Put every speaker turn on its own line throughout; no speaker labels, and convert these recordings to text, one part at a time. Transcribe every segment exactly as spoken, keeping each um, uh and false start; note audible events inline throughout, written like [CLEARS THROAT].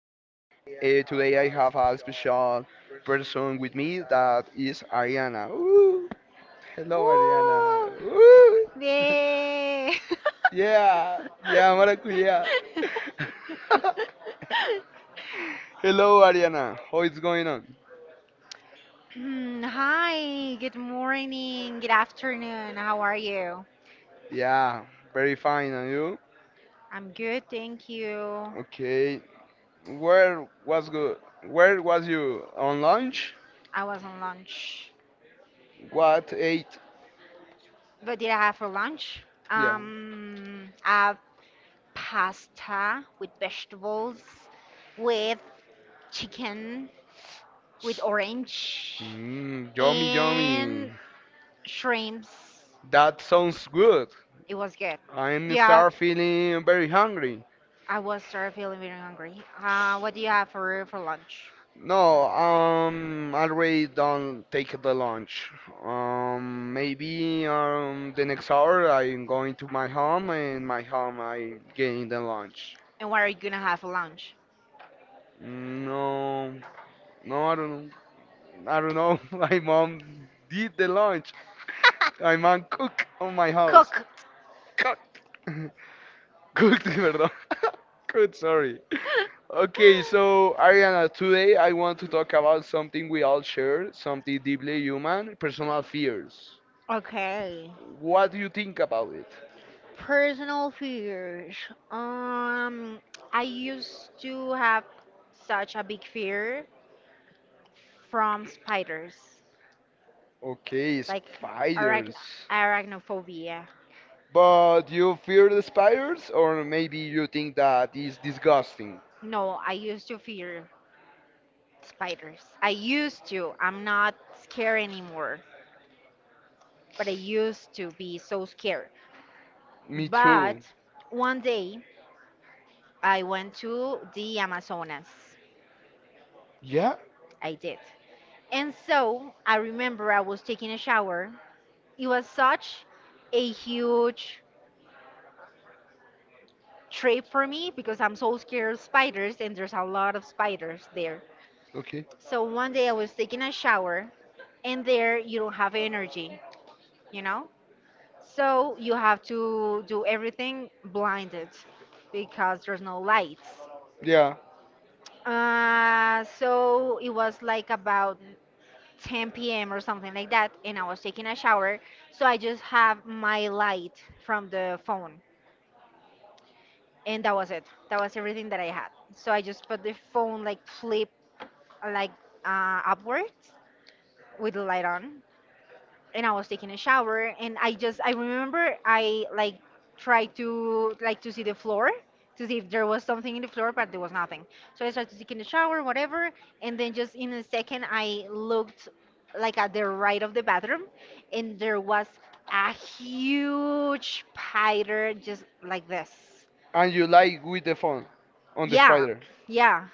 Uh, today I have a special person with me that is Ariana. Woo! Hello, Ariana.
¡Oh!
Woo! [LAUGHS]
¡Bien! [LAUGHS]
yeah, yeah, maracuya. [LAUGHS] Hello, Ariana. How is going on?
Hmm, Hi, good morning, good afternoon. How are you?
Yeah, very fine. And you?
I'm good, thank you.
Okay. Where was good? Where was you on lunch?
I was on lunch.
What ate?
What did I have for lunch?
Yeah.
Um, I have pasta with vegetables, with chicken, with orange,
Mm, yummy,
and
yummy.
shrimps.
That sounds good.
It was good.
I'm
Yeah,
start feeling very hungry.
I was started feeling very hungry. Uh, what do you have for for lunch?
No, um, I already don't take the lunch. Um, maybe um the next hour I'm going to my home, and my home I'm getting the lunch.
And what are you gonna have for lunch?
No, no, I don't, I don't know. [LAUGHS] My mom did the lunch. My mom cook on my house.
Cook.
Cook. [LAUGHS] Cooked, [LAUGHS] perdón. [LAUGHS] Good, sorry.
[LAUGHS]
Okay, so Ariana, today I want to talk about something we all share, something deeply human, personal fears.
Okay.
What do you think about it?
Personal fears. Um, I used to have such a big fear from spiders,
Okay,
like arachn
spiders.
arachnophobia.
But you fear the spiders, or maybe you think that is disgusting?
No, I used to fear spiders. I used to. I'm not scared anymore, but I used to be so scared.
Me
But
too.
one day I went to the Amazonas.
Yeah?
I did. And so I remember I was taking a shower. It was such a huge trip for me because I'm so scared of spiders and there's a lot of spiders there.
Okay.
So one day I was taking a shower and there you don't have energy, you know? So you have to do everything blinded because there's no lights.
Yeah.
Uh, so it was like about ten p m or something like that, and I was taking a shower. So I just have my light from the phone, and that was it. That was everything that I had. So I just put the phone like flip like uh, upwards with the light on, and I was taking a shower and I just I remember I like tried to like to see the floor to see if there was something in the floor, but there was nothing. So I started taking a shower, whatever, and then just in a second I looked like at the right of the bathroom and there was a huge spider just like this.
And you lie with the phone on the
Yeah,
spider.
yeah,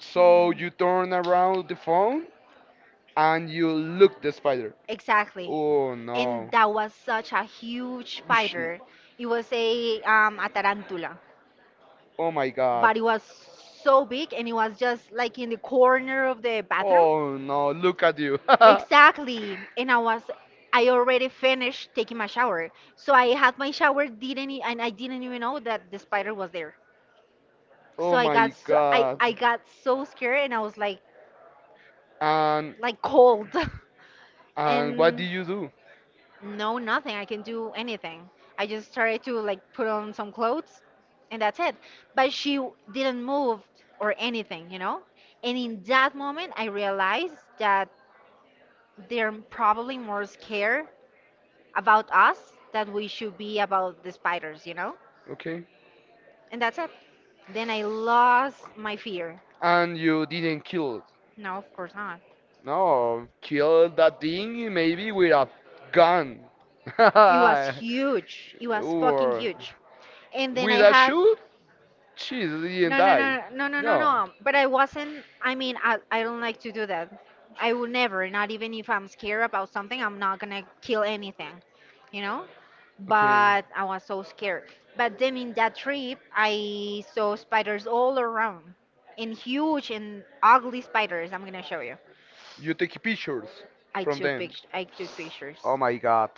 So you turn around the phone and you look the spider.
exactly.
Oh
And
no.
that was such a huge
Whoosh.
spider. It was a um a tarantula,
Oh my god.
but it was so big and it was just like in the corner of the bathroom.
Oh no, look at you. [LAUGHS]
Exactly. And I was I already finished taking my shower. So I had my shower didn't e- and I didn't even know that the spider was there.
oh
So I got
my
so I,
god.
I got so scared and I was like
And
like cold. [LAUGHS]
and what
And
did you do?
no, nothing. I can do anything. I just started to like put on some clothes and that's it. But she w- didn't move or anything, you know? And in that moment, I realized that they're probably more scared about us than we should be about the spiders, you know?
Okay.
And that's it. Then I lost my fear.
And you didn't kill it.
No, of course not.
No, kill that thing maybe with a gun. [LAUGHS]
It was huge. It was fucking
or
huge. And then
with
I
a
had
shoe? She didn't
no, no,
die.
no, no, no, no,
No.
no. But I wasn't. I mean, I, I don't like to do that. I would never, not even if I'm scared about something, I'm not gonna kill anything, you know?
Okay.
But I was so scared. But then in that trip, I saw spiders all around, and huge and ugly spiders. I'm gonna show you.
You take pictures
I
from
took
them.
pictures. I took pictures.
Oh my god,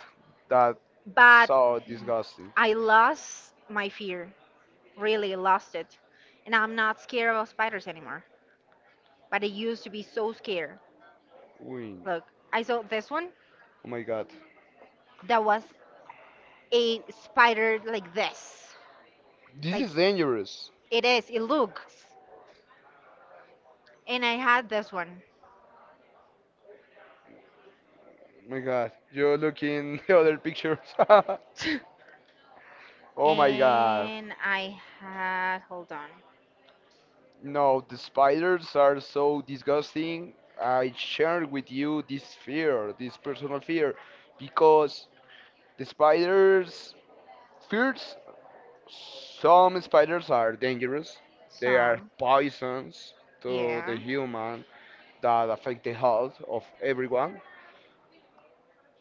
that's
But
so disgusting.
I lost my fear, really lost it, and I'm not scared of spiders anymore, but I used to be so scared.
Uy.
Look, I saw this one
Oh my god,
that was a spider like this.
this
Like
is dangerous.
it is, it looks. And I had this one.
Oh my god, you look in [LAUGHS] the other pictures. [LAUGHS]
[LAUGHS]
oh my god,
And I had hold on.
no, the spiders are so disgusting. I share with you this fear, this personal fear, because the spiders fear. Some spiders are dangerous. They are
Some.
poisons to the
Yeah.
human that affect the health of everyone.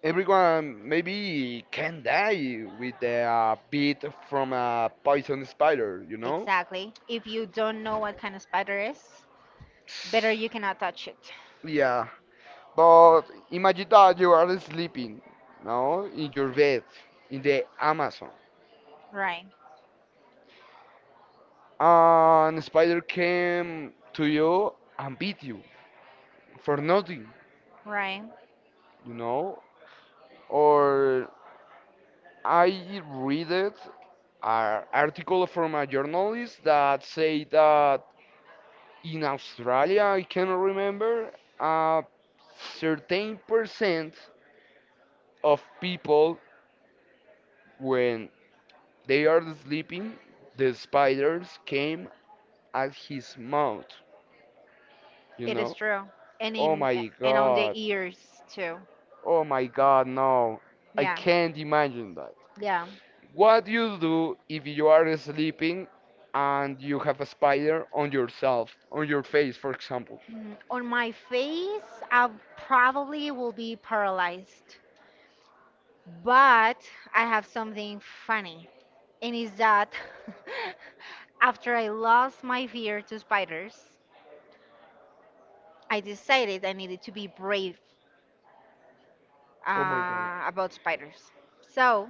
Everyone maybe can die with a bit from a poison spider, you know?
Exactly. If you don't know what kind of spider is, better you cannot touch it.
Yeah, but imagine that you are sleeping, no, in your bed, in the Amazon,
Right.
and a spider came to you and beat you for nothing.
Right.
you know, or I read it an article from a journalist that say that in Australia, I cannot remember, a certain percent of people when they are sleeping, the spiders came at his mouth, you
It is
know.
true. And
Oh
in
my
and on the
god.
ears too.
Oh my god, no. I
Yeah.
can't imagine
Yeah.
what you do if you are sleeping and you have a spider on yourself, on your face, for example?
Mm, on my face, I probably will be paralyzed. But I have something funny, and is that [LAUGHS] after I lost my fear to spiders, I decided I needed to be brave
Oh my god.
uh, about spiders. So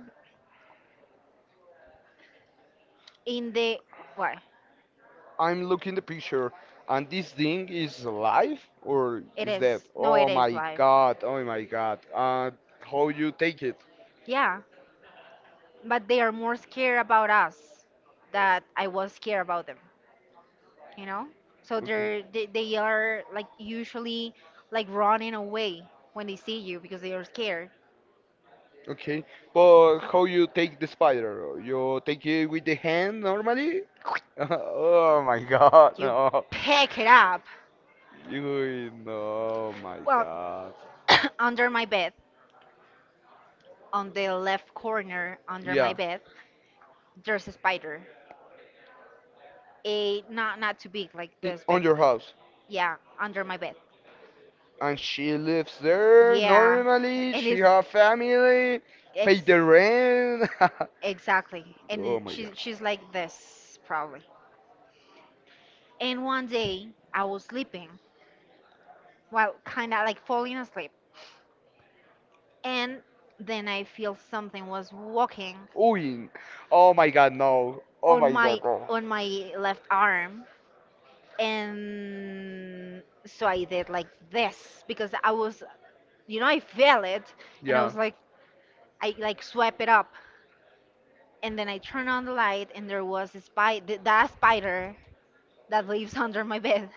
in the well,
I'm looking the picture and this thing is alive or
it
is dead?
is no,
Oh
it is
my
live.
god, oh my god. Uh, how you take it?
Yeah, but they are more scared about us that I was scared about them. You know, so
Okay.
they're they, they are like usually like running away when they see you because they are scared.
Okay, but how you take the spider? You take it with the hand normally? [LAUGHS] oh my god,
You
no.
pick it up.
You know, my
Well,
God.
[COUGHS] under my bed, on the left corner under my
Yeah,
bed, there's a spider, a not not too big, like
i-
this
on
big.
your house.
Yeah, under my bed.
And she lives there
Yeah,
normally.
and
She
it's
have family, pay
ex-
the rent. [LAUGHS]
exactly. And
oh
it-
my God.
she, she's like this probably. And one day I was sleeping, well, kind of like falling asleep. And then I feel something was walking
Ooh, oh my God, no. Oh
on
my God,
my
no.
on my left arm, and so I did like this because I was, you know, I felt it, and I
Yeah.
was like, I like swept it up, and then I turned on the light, and there was a spider, that spider that lives [LAUGHS] under my bed,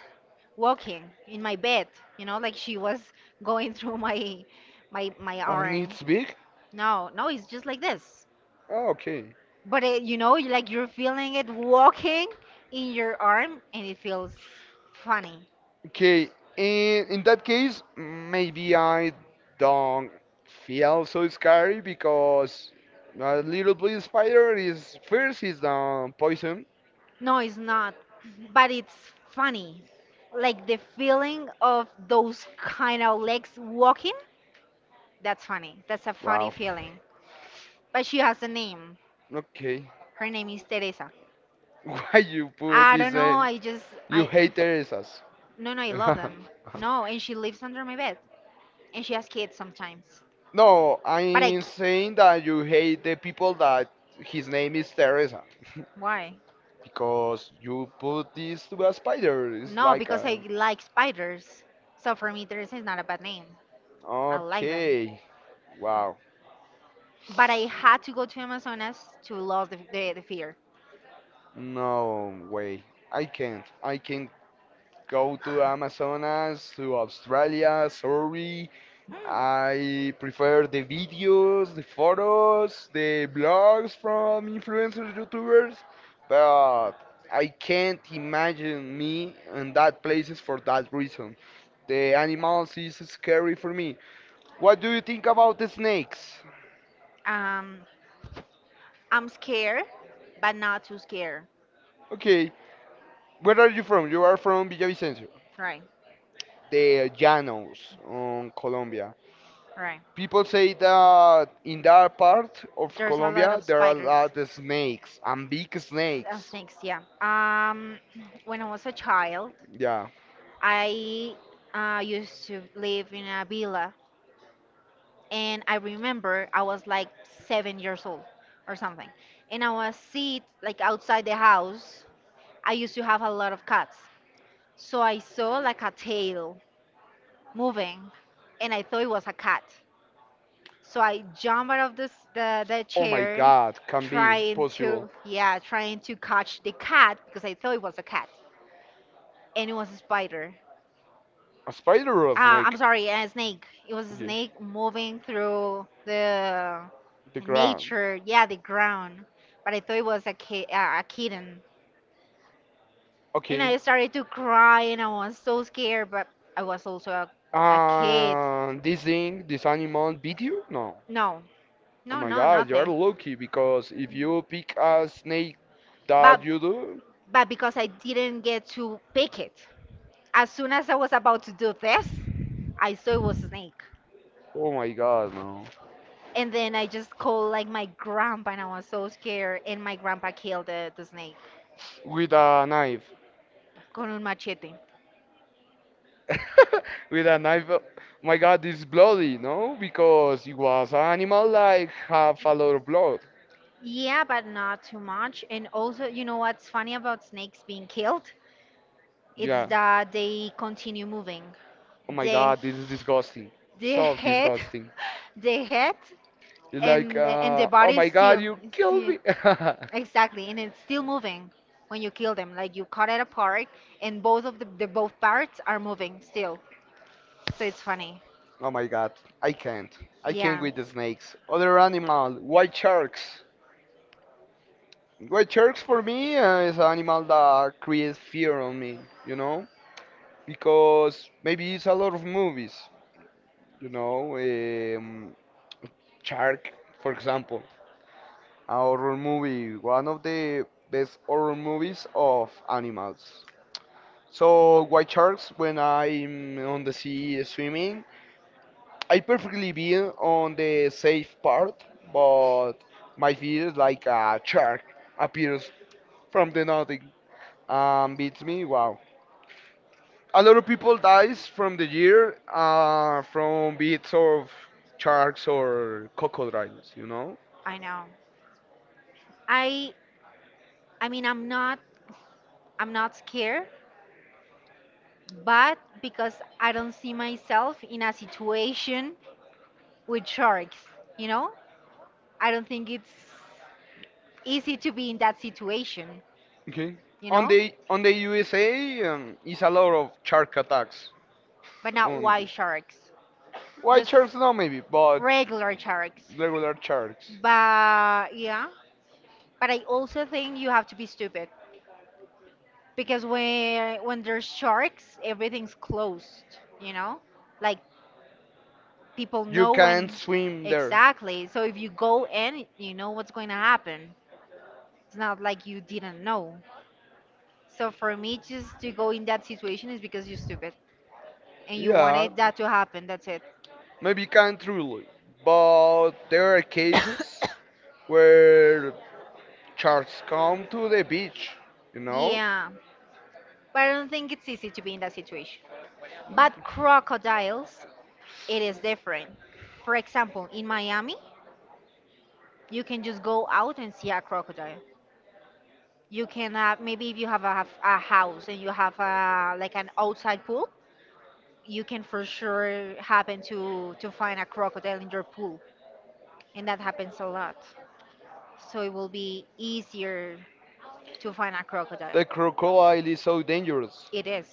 walking in my bed, you know, like she was going through my my my
And
arm.
it's big?
No, no, it's just like this.
Oh, okay.
But it, you know, you- like you're feeling it walking in your arm and it feels funny.
Okay, in in that case, maybe I don't feel so scary because a little blue spider is first is the poison.
No, it's not, but it's funny. Like the feeling of those kind of legs walking, that's funny. That's a funny feeling. But she has a name.
Okay,
Her name is Teresa.
[LAUGHS] why you put
I don't
this?
know,
Uh,
I just
you
I
hate Teresa's. [LAUGHS]
no, no, I love them. No, and she lives under my bed and she has kids sometimes.
no,
But I
I'm
c-
saying that you hate the people that his name is Teresa
why?
because you put this to a spider. It's
No,
like
because
a
I like spiders. So for me, Teresa is not a bad name. I like them.
okay. Wow,
But I had to go to Amazonas to lose the, the, the fear.
no way. I can't. I can't go to Amazonas, to Australia, sorry. I prefer the videos, the photos, the blogs from influencers, YouTubers, but I can't imagine me in that places for that reason. The animals is scary for me. What do you think about the snakes?
Um, I'm scared, but not too scared.
Okay, where are you from? You are from Villavicencio.
Right,
the Llanos on Colombia.
right.
People say that in that part of
There's a lot
Colombia
of
there are a
spiders.
lot of snakes and big
Uh,
snakes.
snakes, yeah. Um, [CLEARS THROAT] when I was a child,
Yeah.
I uh, used to live in a villa, and I remember I was like seven years old or something, and I was sit like outside the house. I used to have a lot of cats, so I saw like a tail moving, and I thought it was a cat. So I jumped out of this the, the
Oh my
chair,
god, can be
trying
possible.
to yeah, trying to catch the cat because I thought it was a cat, and it was a spider.
A spider or a
Uh, I'm
snake?
sorry, a snake. It was a
Yeah.
snake moving through the
The ground.
nature, yeah, the ground. But I thought it was a ki- uh, a kitten, and
Okay.
I started to cry, and I was so scared. But I was also a kid.
Uh, this thing, this animal beat you? No.
No,
Oh
no,
my
no,
god, you are
nothing.
lucky because if you pick a snake
But
that you do,
but because I didn't get to pick it, as soon as I was about to do this, I saw it was a snake.
oh my god, no.
And then I just called like my grandpa, and I was so scared. And my grandpa killed the, the snake.
With a knife.
Con un machete.
[LAUGHS] With a knife. uh, My god, it's bloody, no? Because it was an animal like have a lot of blood.
Yeah, but not too much. And also, you know what's funny about snakes being killed? It's yeah,
Yeah.
that they continue moving.
Oh my
The
god, this is disgusting.
the
So
head,
disgusting.
the head,
It's like,
and the- and the
uh, oh
body is
my god,
still,
you killed
still
me. [LAUGHS]
exactly, and it's still moving when you kill them. Like you cut it apart, and both of the, the both parts are moving still. So it's funny.
oh my god, I can't. I can't
Yeah.
with the snakes. Other animal, white sharks. White sharks for me uh, is an animal that creates fear on me, you know, because maybe it's a lot of movies, you know, um, Shark, for example, a horror movie, one of the best horror movies of animals. So white sharks, when I'm on the sea swimming, I perfectly be on the safe part, but my fear is like a shark appears from the nothing and beats me. Wow. a lot of people dies from the year uh, from bits of sharks or crocodiles, you know.
I know. I I mean I'm not I'm not scared, but because I don't see myself in a situation with sharks, you know? I don't think it's easy to be in that situation,
Okay.
you
On
know?
the on the U S A, um, is a lot of shark attacks.
But not
On
white
the-
sharks,
white
just
sharks, no, maybe, but
regular sharks.
regular sharks.
But yeah, but I also think you have to be stupid because when when there's sharks, everything's closed, you know? Like people
You
know
can't
when
swim there.
exactly. So if you go in, you know what's going to happen. It's not like you didn't know. So for me, just to go in that situation is because you're stupid and you
Yeah,
wanted that to happen. That's it.
maybe you can't really, but there are cases
[COUGHS]
where sharks come to the beach, you know.
Yeah, but I don't think it's easy to be in that situation. But crocodiles, it is different. For example, in Miami, you can just go out and see a crocodile. You can have maybe if you have a, a house and you have a, like an outside pool, you can for sure happen to to find a crocodile in your pool, and that happens a lot, so it will be easier to find a crocodile.
The crocodile is so dangerous.
It is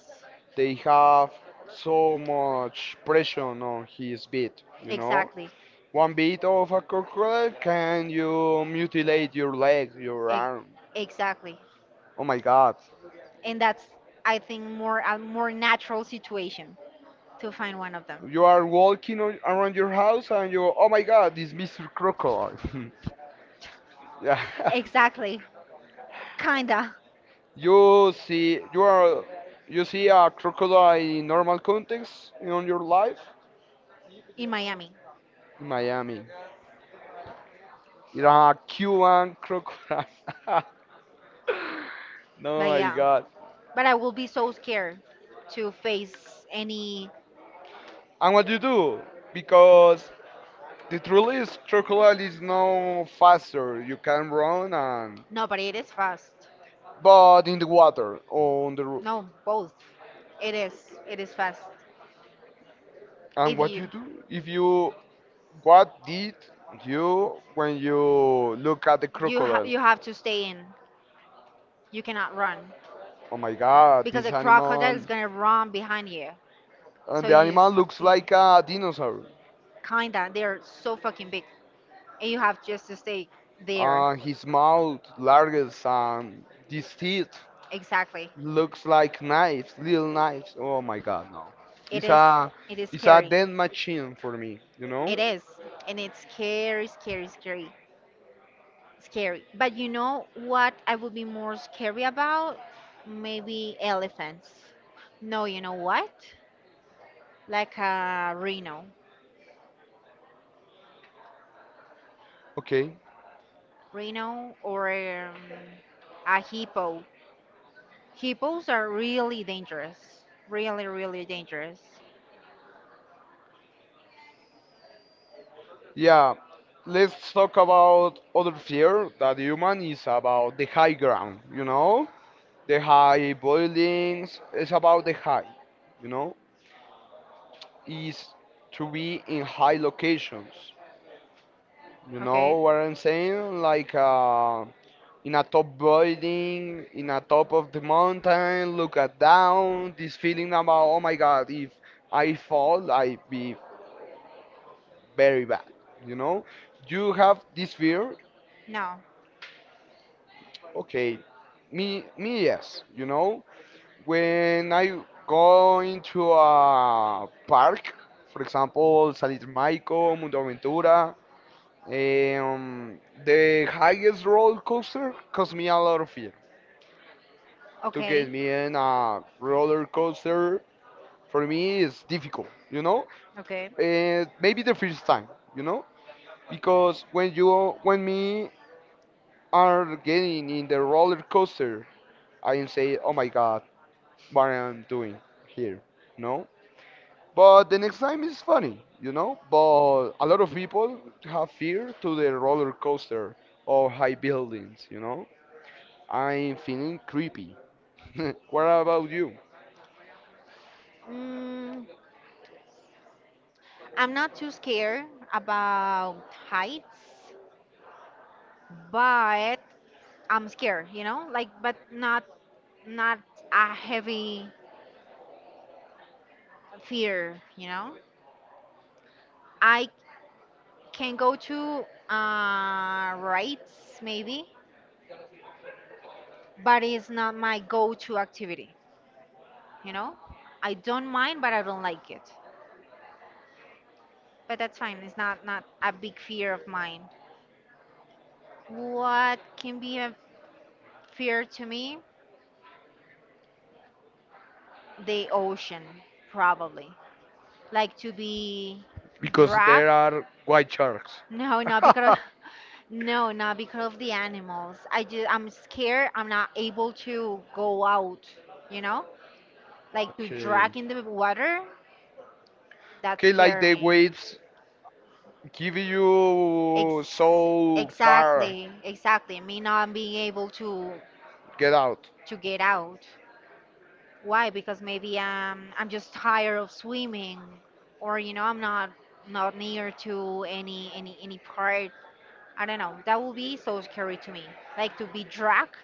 They have so much pressure on his bit, you know?
exactly.
One bit of a crocodile can you mutilate your leg, your
Ex-
arm.
exactly,
Oh my god.
and that's I think more a more natural situation to find one of them.
You are walking on, around your house and you, oh my god, this Mister Crocodile. [LAUGHS] yeah.
Exactly. Kinda
You see, you are, you see a crocodile in normal context in your life
in Miami.
in Miami. It's a Cuban crocodile. [LAUGHS] No,
But
my
yeah,
God.
but I will be so scared to face any.
And what do you do? Because the truth is, crocodile is no faster. You can run and,
No, but it is fast.
but in the water on the. ro-
No, both. It is. It is fast.
And
If
what
you
you do? If you, what did you when you look at the
you ha-
crocodile?
you have to stay in. You cannot run
Oh my God,
because
this
a crocodile
animal.
is gonna run behind you. So
And the
you
animal
just
looks like a dinosaur.
kinda they're so fucking big, and you have just to stay there.
Uh, his mouth largest and these teeth.
Exactly.
Looks like knives, little knives. Oh my god, no.
It
It's
is.
a
It is
it's a
scary.
dead machine for me, you know?
It is, and it's scary, scary, scary. Scary. But you know what I would be more scary about? Maybe elephants. No, you know what? Like a rhino.
Okay.
Rhino or um, a hippo. Hippos are really dangerous. Really, really dangerous.
Yeah. Let's talk about other fear that human is about the high ground, you know? The high buildings, it's about the high, you know? Is to be in high locations. You
Okay?
know what I'm saying? Like uh in a top building, in a top of the mountain, look at down, this feeling about, oh my God, if I fall, I be very bad, you know? You have this fear,
No.
okay, me, me yes, you know? When I go into a park, for example, Salir Maico, Mundo Aventura, um, the highest roller coaster caused me a lot of fear to
Okay.
get me in a roller coaster for me it's difficult, you know.
Okay.
Uh, maybe the first time, you know because when you when me are getting in the roller coaster, I am say oh my god what I'm doing here, no, but the next time is funny, you know but a lot of people have fear to the roller coaster or high buildings you know I'm feeling creepy. [LAUGHS] What about you,
Mm, I'm not too scared about heights, but I'm scared, you know, like but not not a heavy fear, you know. I can go to uh rides maybe, but it's not my go-to activity, you know. I don't mind, but I don't like it. But that's fine. It's not not a big fear of mine. What can be a fear to me? The ocean, probably. Like to be
because
dragged?
there
[LAUGHS]
are white sharks?
No, no, because
[LAUGHS]
No, not because of the animals. I just I'm scared. I'm not able to go out, you know? Like to
Okay.
drag in the water, that
Okay, like
scares
the
me.
waves give you so far
Exactly, exactly. Me not being able to
get out.
to get out. Why? Because maybe um I'm just tired of swimming or you know, I'm not not near to any any any part. I don't know. That would be so scary to me. Like to be dragged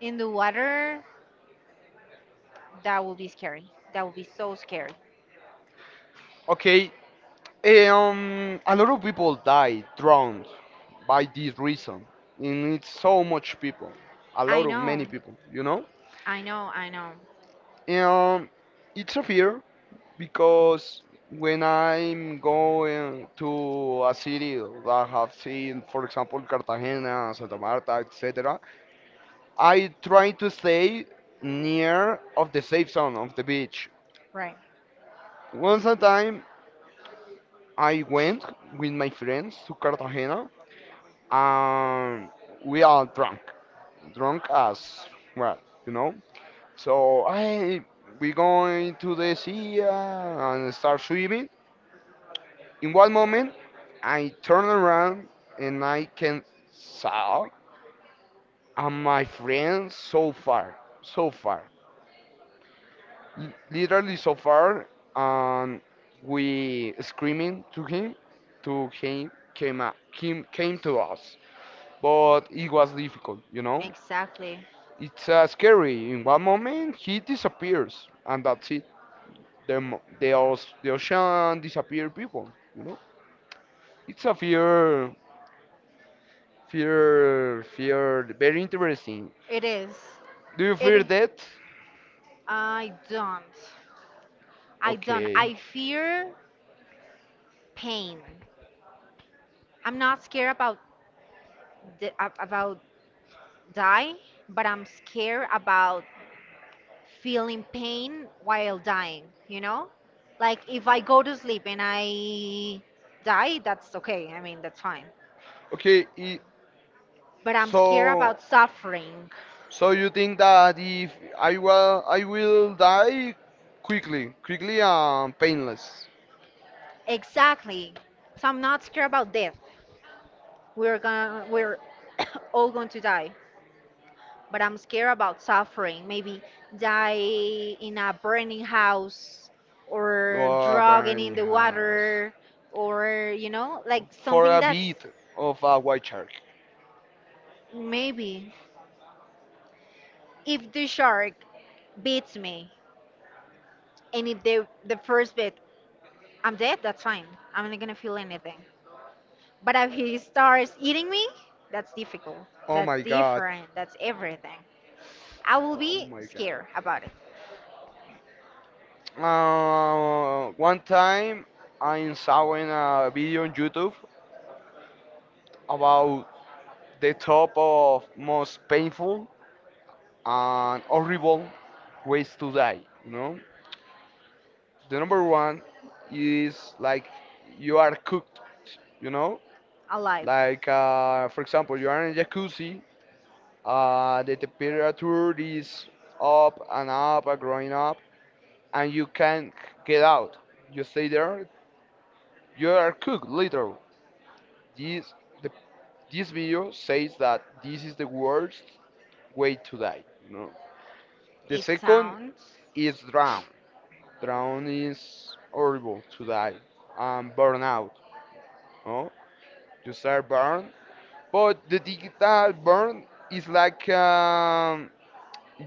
in the water. That would be scary. That would be so scary.
Okay, um, a lot of people die drowned by this reason, and it's so much people, a
I
lot of
know.
many people, you know.
I know. I know.
Um, it's a fear because when I'm going to a city that I have seen, for example, Cartagena, Santa Marta, et cetera. I try to stay near of the safe zone of the beach.
Right.
Once a time, I went with my friends to Cartagena, and we are drunk, drunk as well, you know. So I we going to the sea uh, and start swimming. In one moment, I turn around and I can saw and my friend so far, so far. L- literally so far, and we screaming to him, to him, came up, him came to us, but it was difficult, you know.
Exactly.
It's uh, scary. In one moment, he disappears, and that's it. The mo- the, os- the ocean disappear people, you know. It's a fear, fear, fear. Very interesting.
It is.
Do you fear
It.
that?
I don't. I don't.
Okay,
I fear pain. I'm not scared about the, ab- about die, but I'm scared about feeling pain while dying. You know, like if I go to sleep and I die, that's okay. I mean, that's fine.
okay. i-
But I'm scared
so.
about suffering.
So you think that if I will, I will die quickly, quickly and painless.
Exactly. So I'm not scared about death. We're gonna we're [COUGHS] all going to die. But I'm scared about suffering. Maybe die in a burning house or
Oh,
drowning in
burning
the
house.
water or you know, like
For
something
a
that's
bit of a white shark.
maybe if the shark beats me and if the the first bit I'm dead, that's fine. I'm not gonna feel anything. But if he starts eating me, that's difficult.
Oh
That's
my god.
different. That's everything. I will
Oh
be
my god.
scared about it.
Uh, one time I saw in a video on YouTube about the top of most painful and horrible ways to die, you know? The number one is like you are cooked, you know?
Alive.
Like, uh, for example, you are in a jacuzzi, uh, the temperature is up and up and growing up, and you can't get out. You stay there, you are cooked, literal. This, the, this video says that this is the worst way to die, you know? The
It
second
sounds.
is drown. Drown is horrible to die. Um, burn out. No? You start burn. But the digital burn is like um,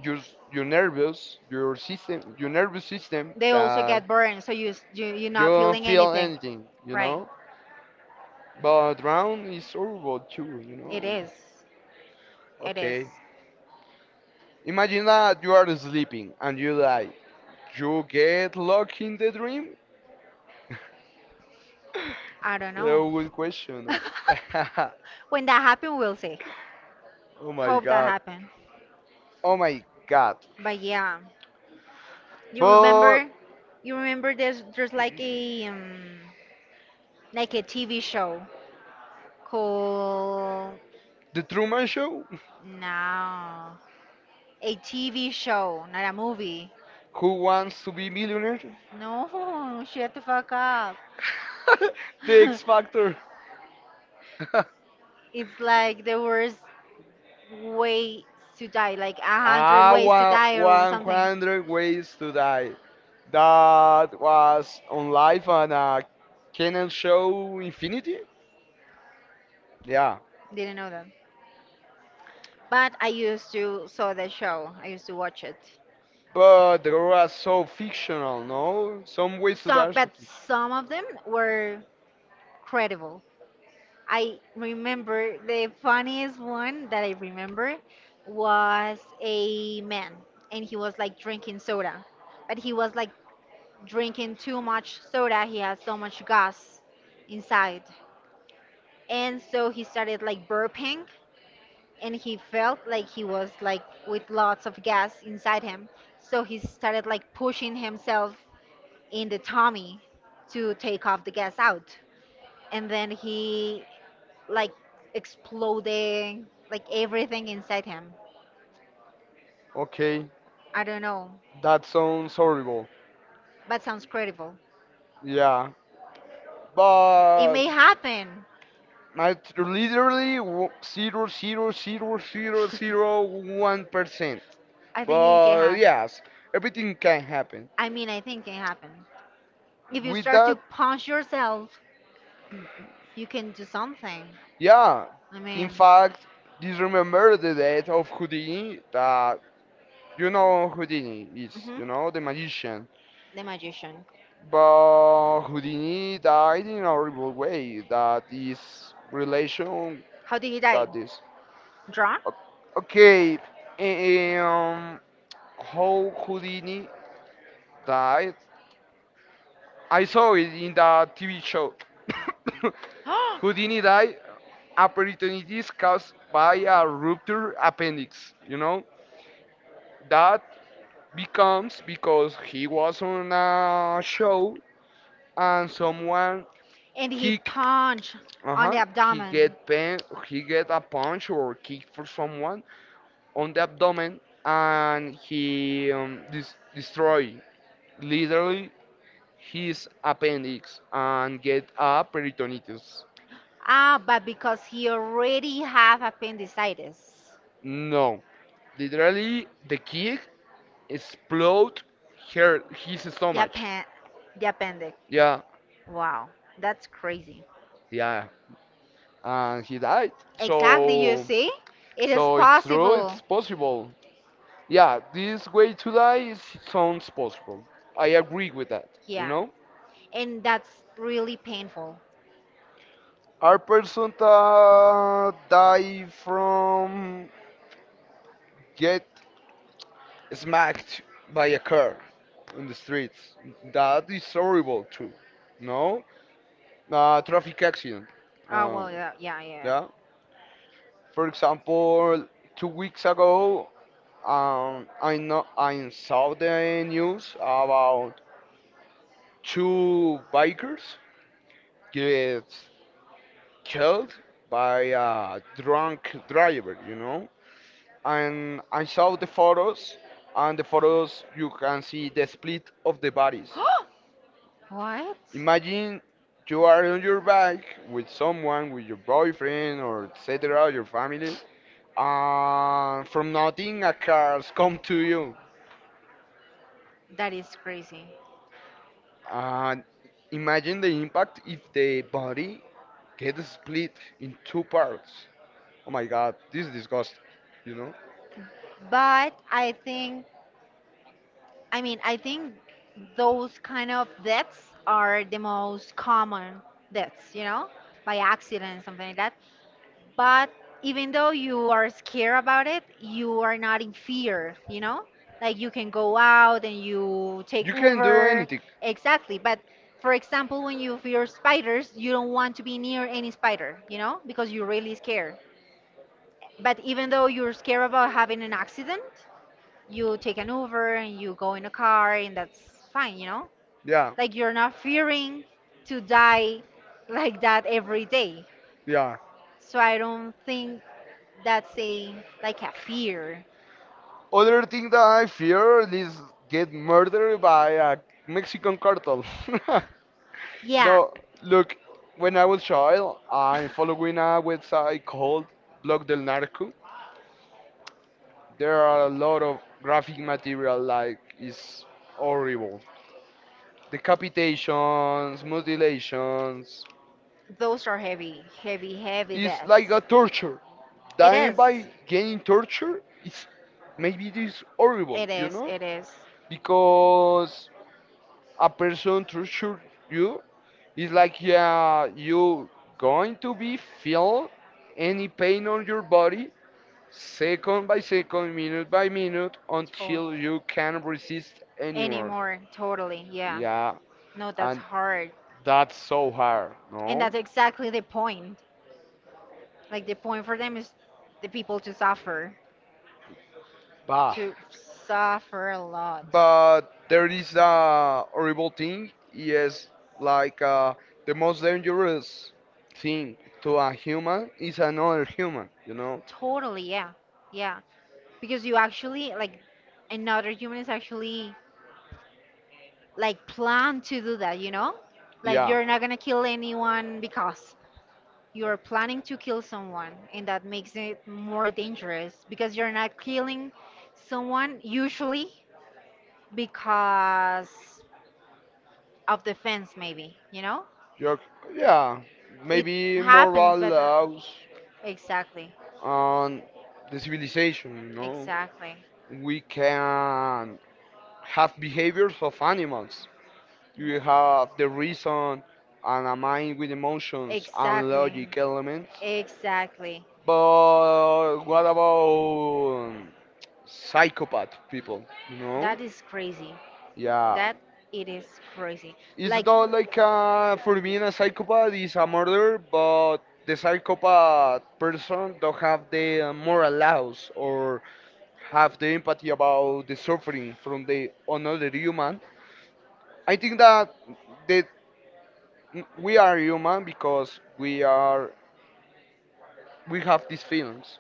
your your nervous your system your nervous system
They also
that
get burned, so you, s- you you're
you
not
don't
feeling
feel
anything,
anything, you
right?
know. But round is horrible too, you
It
know.
is. It is.
Okay, imagine that you are sleeping and you die. You get locked in the dream.
I don't
[LAUGHS]
know.
Oh, good question.
[LAUGHS]
[LAUGHS]
When that happen, we'll see.
Oh my
Hope that
god.
happen.
Oh my god.
But yeah, you
But
remember, you remember there's there's like a um, like a T V show. Cool.
the Truman Show.
No. A T V show, not a movie.
[LAUGHS] Who wants to be millionaire?
No, [LAUGHS] shut the fuck up.
[LAUGHS] The X Factor.
[LAUGHS]
[LAUGHS]
It's like the worst way to die, like a hundred ways to
Ah,
die or
one,
something.
100 Ways to Die. That was on live on a Canon show Infinity. Yeah.
Didn't know that. But I used to saw the show. I used to watch it.
But they were so fictional, no? Some Ways to Die
Some,
are so
but
fictional.
some of them were credible. I remember the funniest one that I remember was a man and he was like drinking soda, but he was like drinking too much soda. He had so much gas inside. And so he started like burping and he felt like he was like with lots of gas inside him. So he started like pushing himself in the tummy to take off the gas out. And then he like exploding, like everything inside him.
Okay,
I don't know,
that sounds horrible.
but sounds credible.
Yeah.
It
But
may happen.
I t- literally w- zero zero zero zero zero one percent.
I think it can
But
happen.
yes, everything can happen.
I mean, I think it can happen. If you
With
start to
that,
punch yourself, you can do something.
yeah.
I
In
mean.
fact, this remember the death of Houdini. That you know Houdini is,
Mhm.
you know, the magician.
The magician.
But Houdini died in a horrible way. That is relation.
How did he die?
That is.
Drawn?
O- Okay. eh, Um, how Houdini died. I saw it in the T V show. [COUGHS] Houdini died
[GASPS]
a peritonitis caused by a ruptured appendix. You know that becomes because he was on a show and someone
And he
kick.
punched
Uh
on the
huh. He
abdomen.
get pain. He get a punch or kick for someone on the abdomen, and he um, dis- destroy literally his appendix and get a peritonitis.
Ah, but because he already have appendicitis.
No, literally the kick explode her his
The
stomach.
appen the appendix.
Yeah,
Wow, that's crazy.
yeah, and he
Uh,
died.
Exactly, you
So,
see? It is
so it's true.
possible.
It's possible. Yeah, this way to die is sounds possible. I agree with that. You
Yeah.
know,
And that's really painful.
our person that die from get smacked by a car in the streets. That is horrible too. No, uh, traffic accident.
Oh,
Um,
well, yeah, yeah, yeah.
yeah.
[GASPS]
For example, two weeks ago, um, I know I saw the news about two bikers get killed by a drunk driver. You know,
Yeah.
and I saw the photos. And the photos, you can see the split of the bodies.
What?
Imagine you are on your bike with someone, with your boyfriend or etcetera, your family, and from nothing a car's come to you.
That is crazy.
And imagine the impact if the body gets split in two parts. Oh my god, this is disgusting, you know?
But I think, I mean, I think those kind of deaths are the most common deaths, you know, by accident, something like that. But even though you are scared about it, you are not in fear you know like you can go out and you take
You can do
uber.
anything.
Exactly, but for example, when you fear spiders, you don't want to be near any spider you know because you're really scared. But even though you're scared about having an accident, you take an uber and you go in a car and that's fine you know
Yeah,
Like you're not fearing to die like that every day,
yeah.
so I don't think that's a like a fear.
Other thing that I fear is get murdered by a Mexican cartel. [LAUGHS]
Yeah,
No, look, when I was child, I'm following a website called Blog del Narco. There are a lot of graphic material like it's horrible. Decapitations, mutilations.
those are heavy, heavy, heavy
It's
deaths.
like a torture.
It
Dying
is.
by getting torture is maybe it is horrible,
It
you
is.
know?
It is.
Because a person tortured you. It's like yeah, you going to be feel any pain on your body second by second, minute by minute
To-
until you can resist anymore.
Anymore. Totally. Yeah.
Yeah,
No, that's
and
hard.
that's so hard,
And
no?
that's exactly the point. Like the point for them is the people to suffer,
Bah.
to suffer a lot.
But there is a horrible thing. Yes, like uh, the most dangerous thing to a human is another human, you know?
Totally, yeah. Yeah. Because you actually like another human is actually like planned to do that, you know, like
Yeah.
you're not gonna kill anyone because you're planning to kill someone, and that makes it more dangerous because you're not killing someone usually because of defense, maybe you know
York, yeah,
it
maybe
happens
morals
but not
allows
exactly
on the civilization, you know.
exactly
We can have behaviors of animals. You have the reason and a mind with emotions and
exactly
logic elements.
exactly.
But what about psychopath people, you know?
That is crazy.
Yeah,
That it is crazy.
it's
Like.
not like uh for being a psychopath is a murder, but the psychopath person don't have the uh, moral laws or have the empathy about the suffering from the another human. I think that that we are human because we are we have these feelings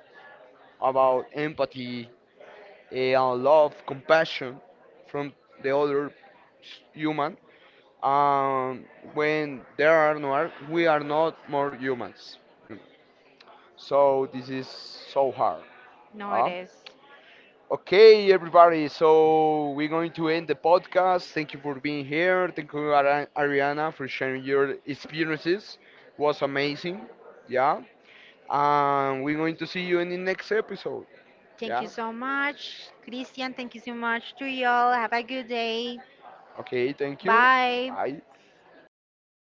about empathy, uh, love, compassion from the other s- human. um, when there are no ar- we are not more humans, so this is so hard,
No, it
huh?
is.
Okay everybody, so we're going to end the podcast. Thank you for being here. Thank you Ari- ariana for sharing your experiences. It was amazing, yeah, and we're going to see you in the next episode.
Thank you
Yeah,
so much, Christian. Thank you so much to y'all. Have a good day.
okay, thank you,
Bye.
bye.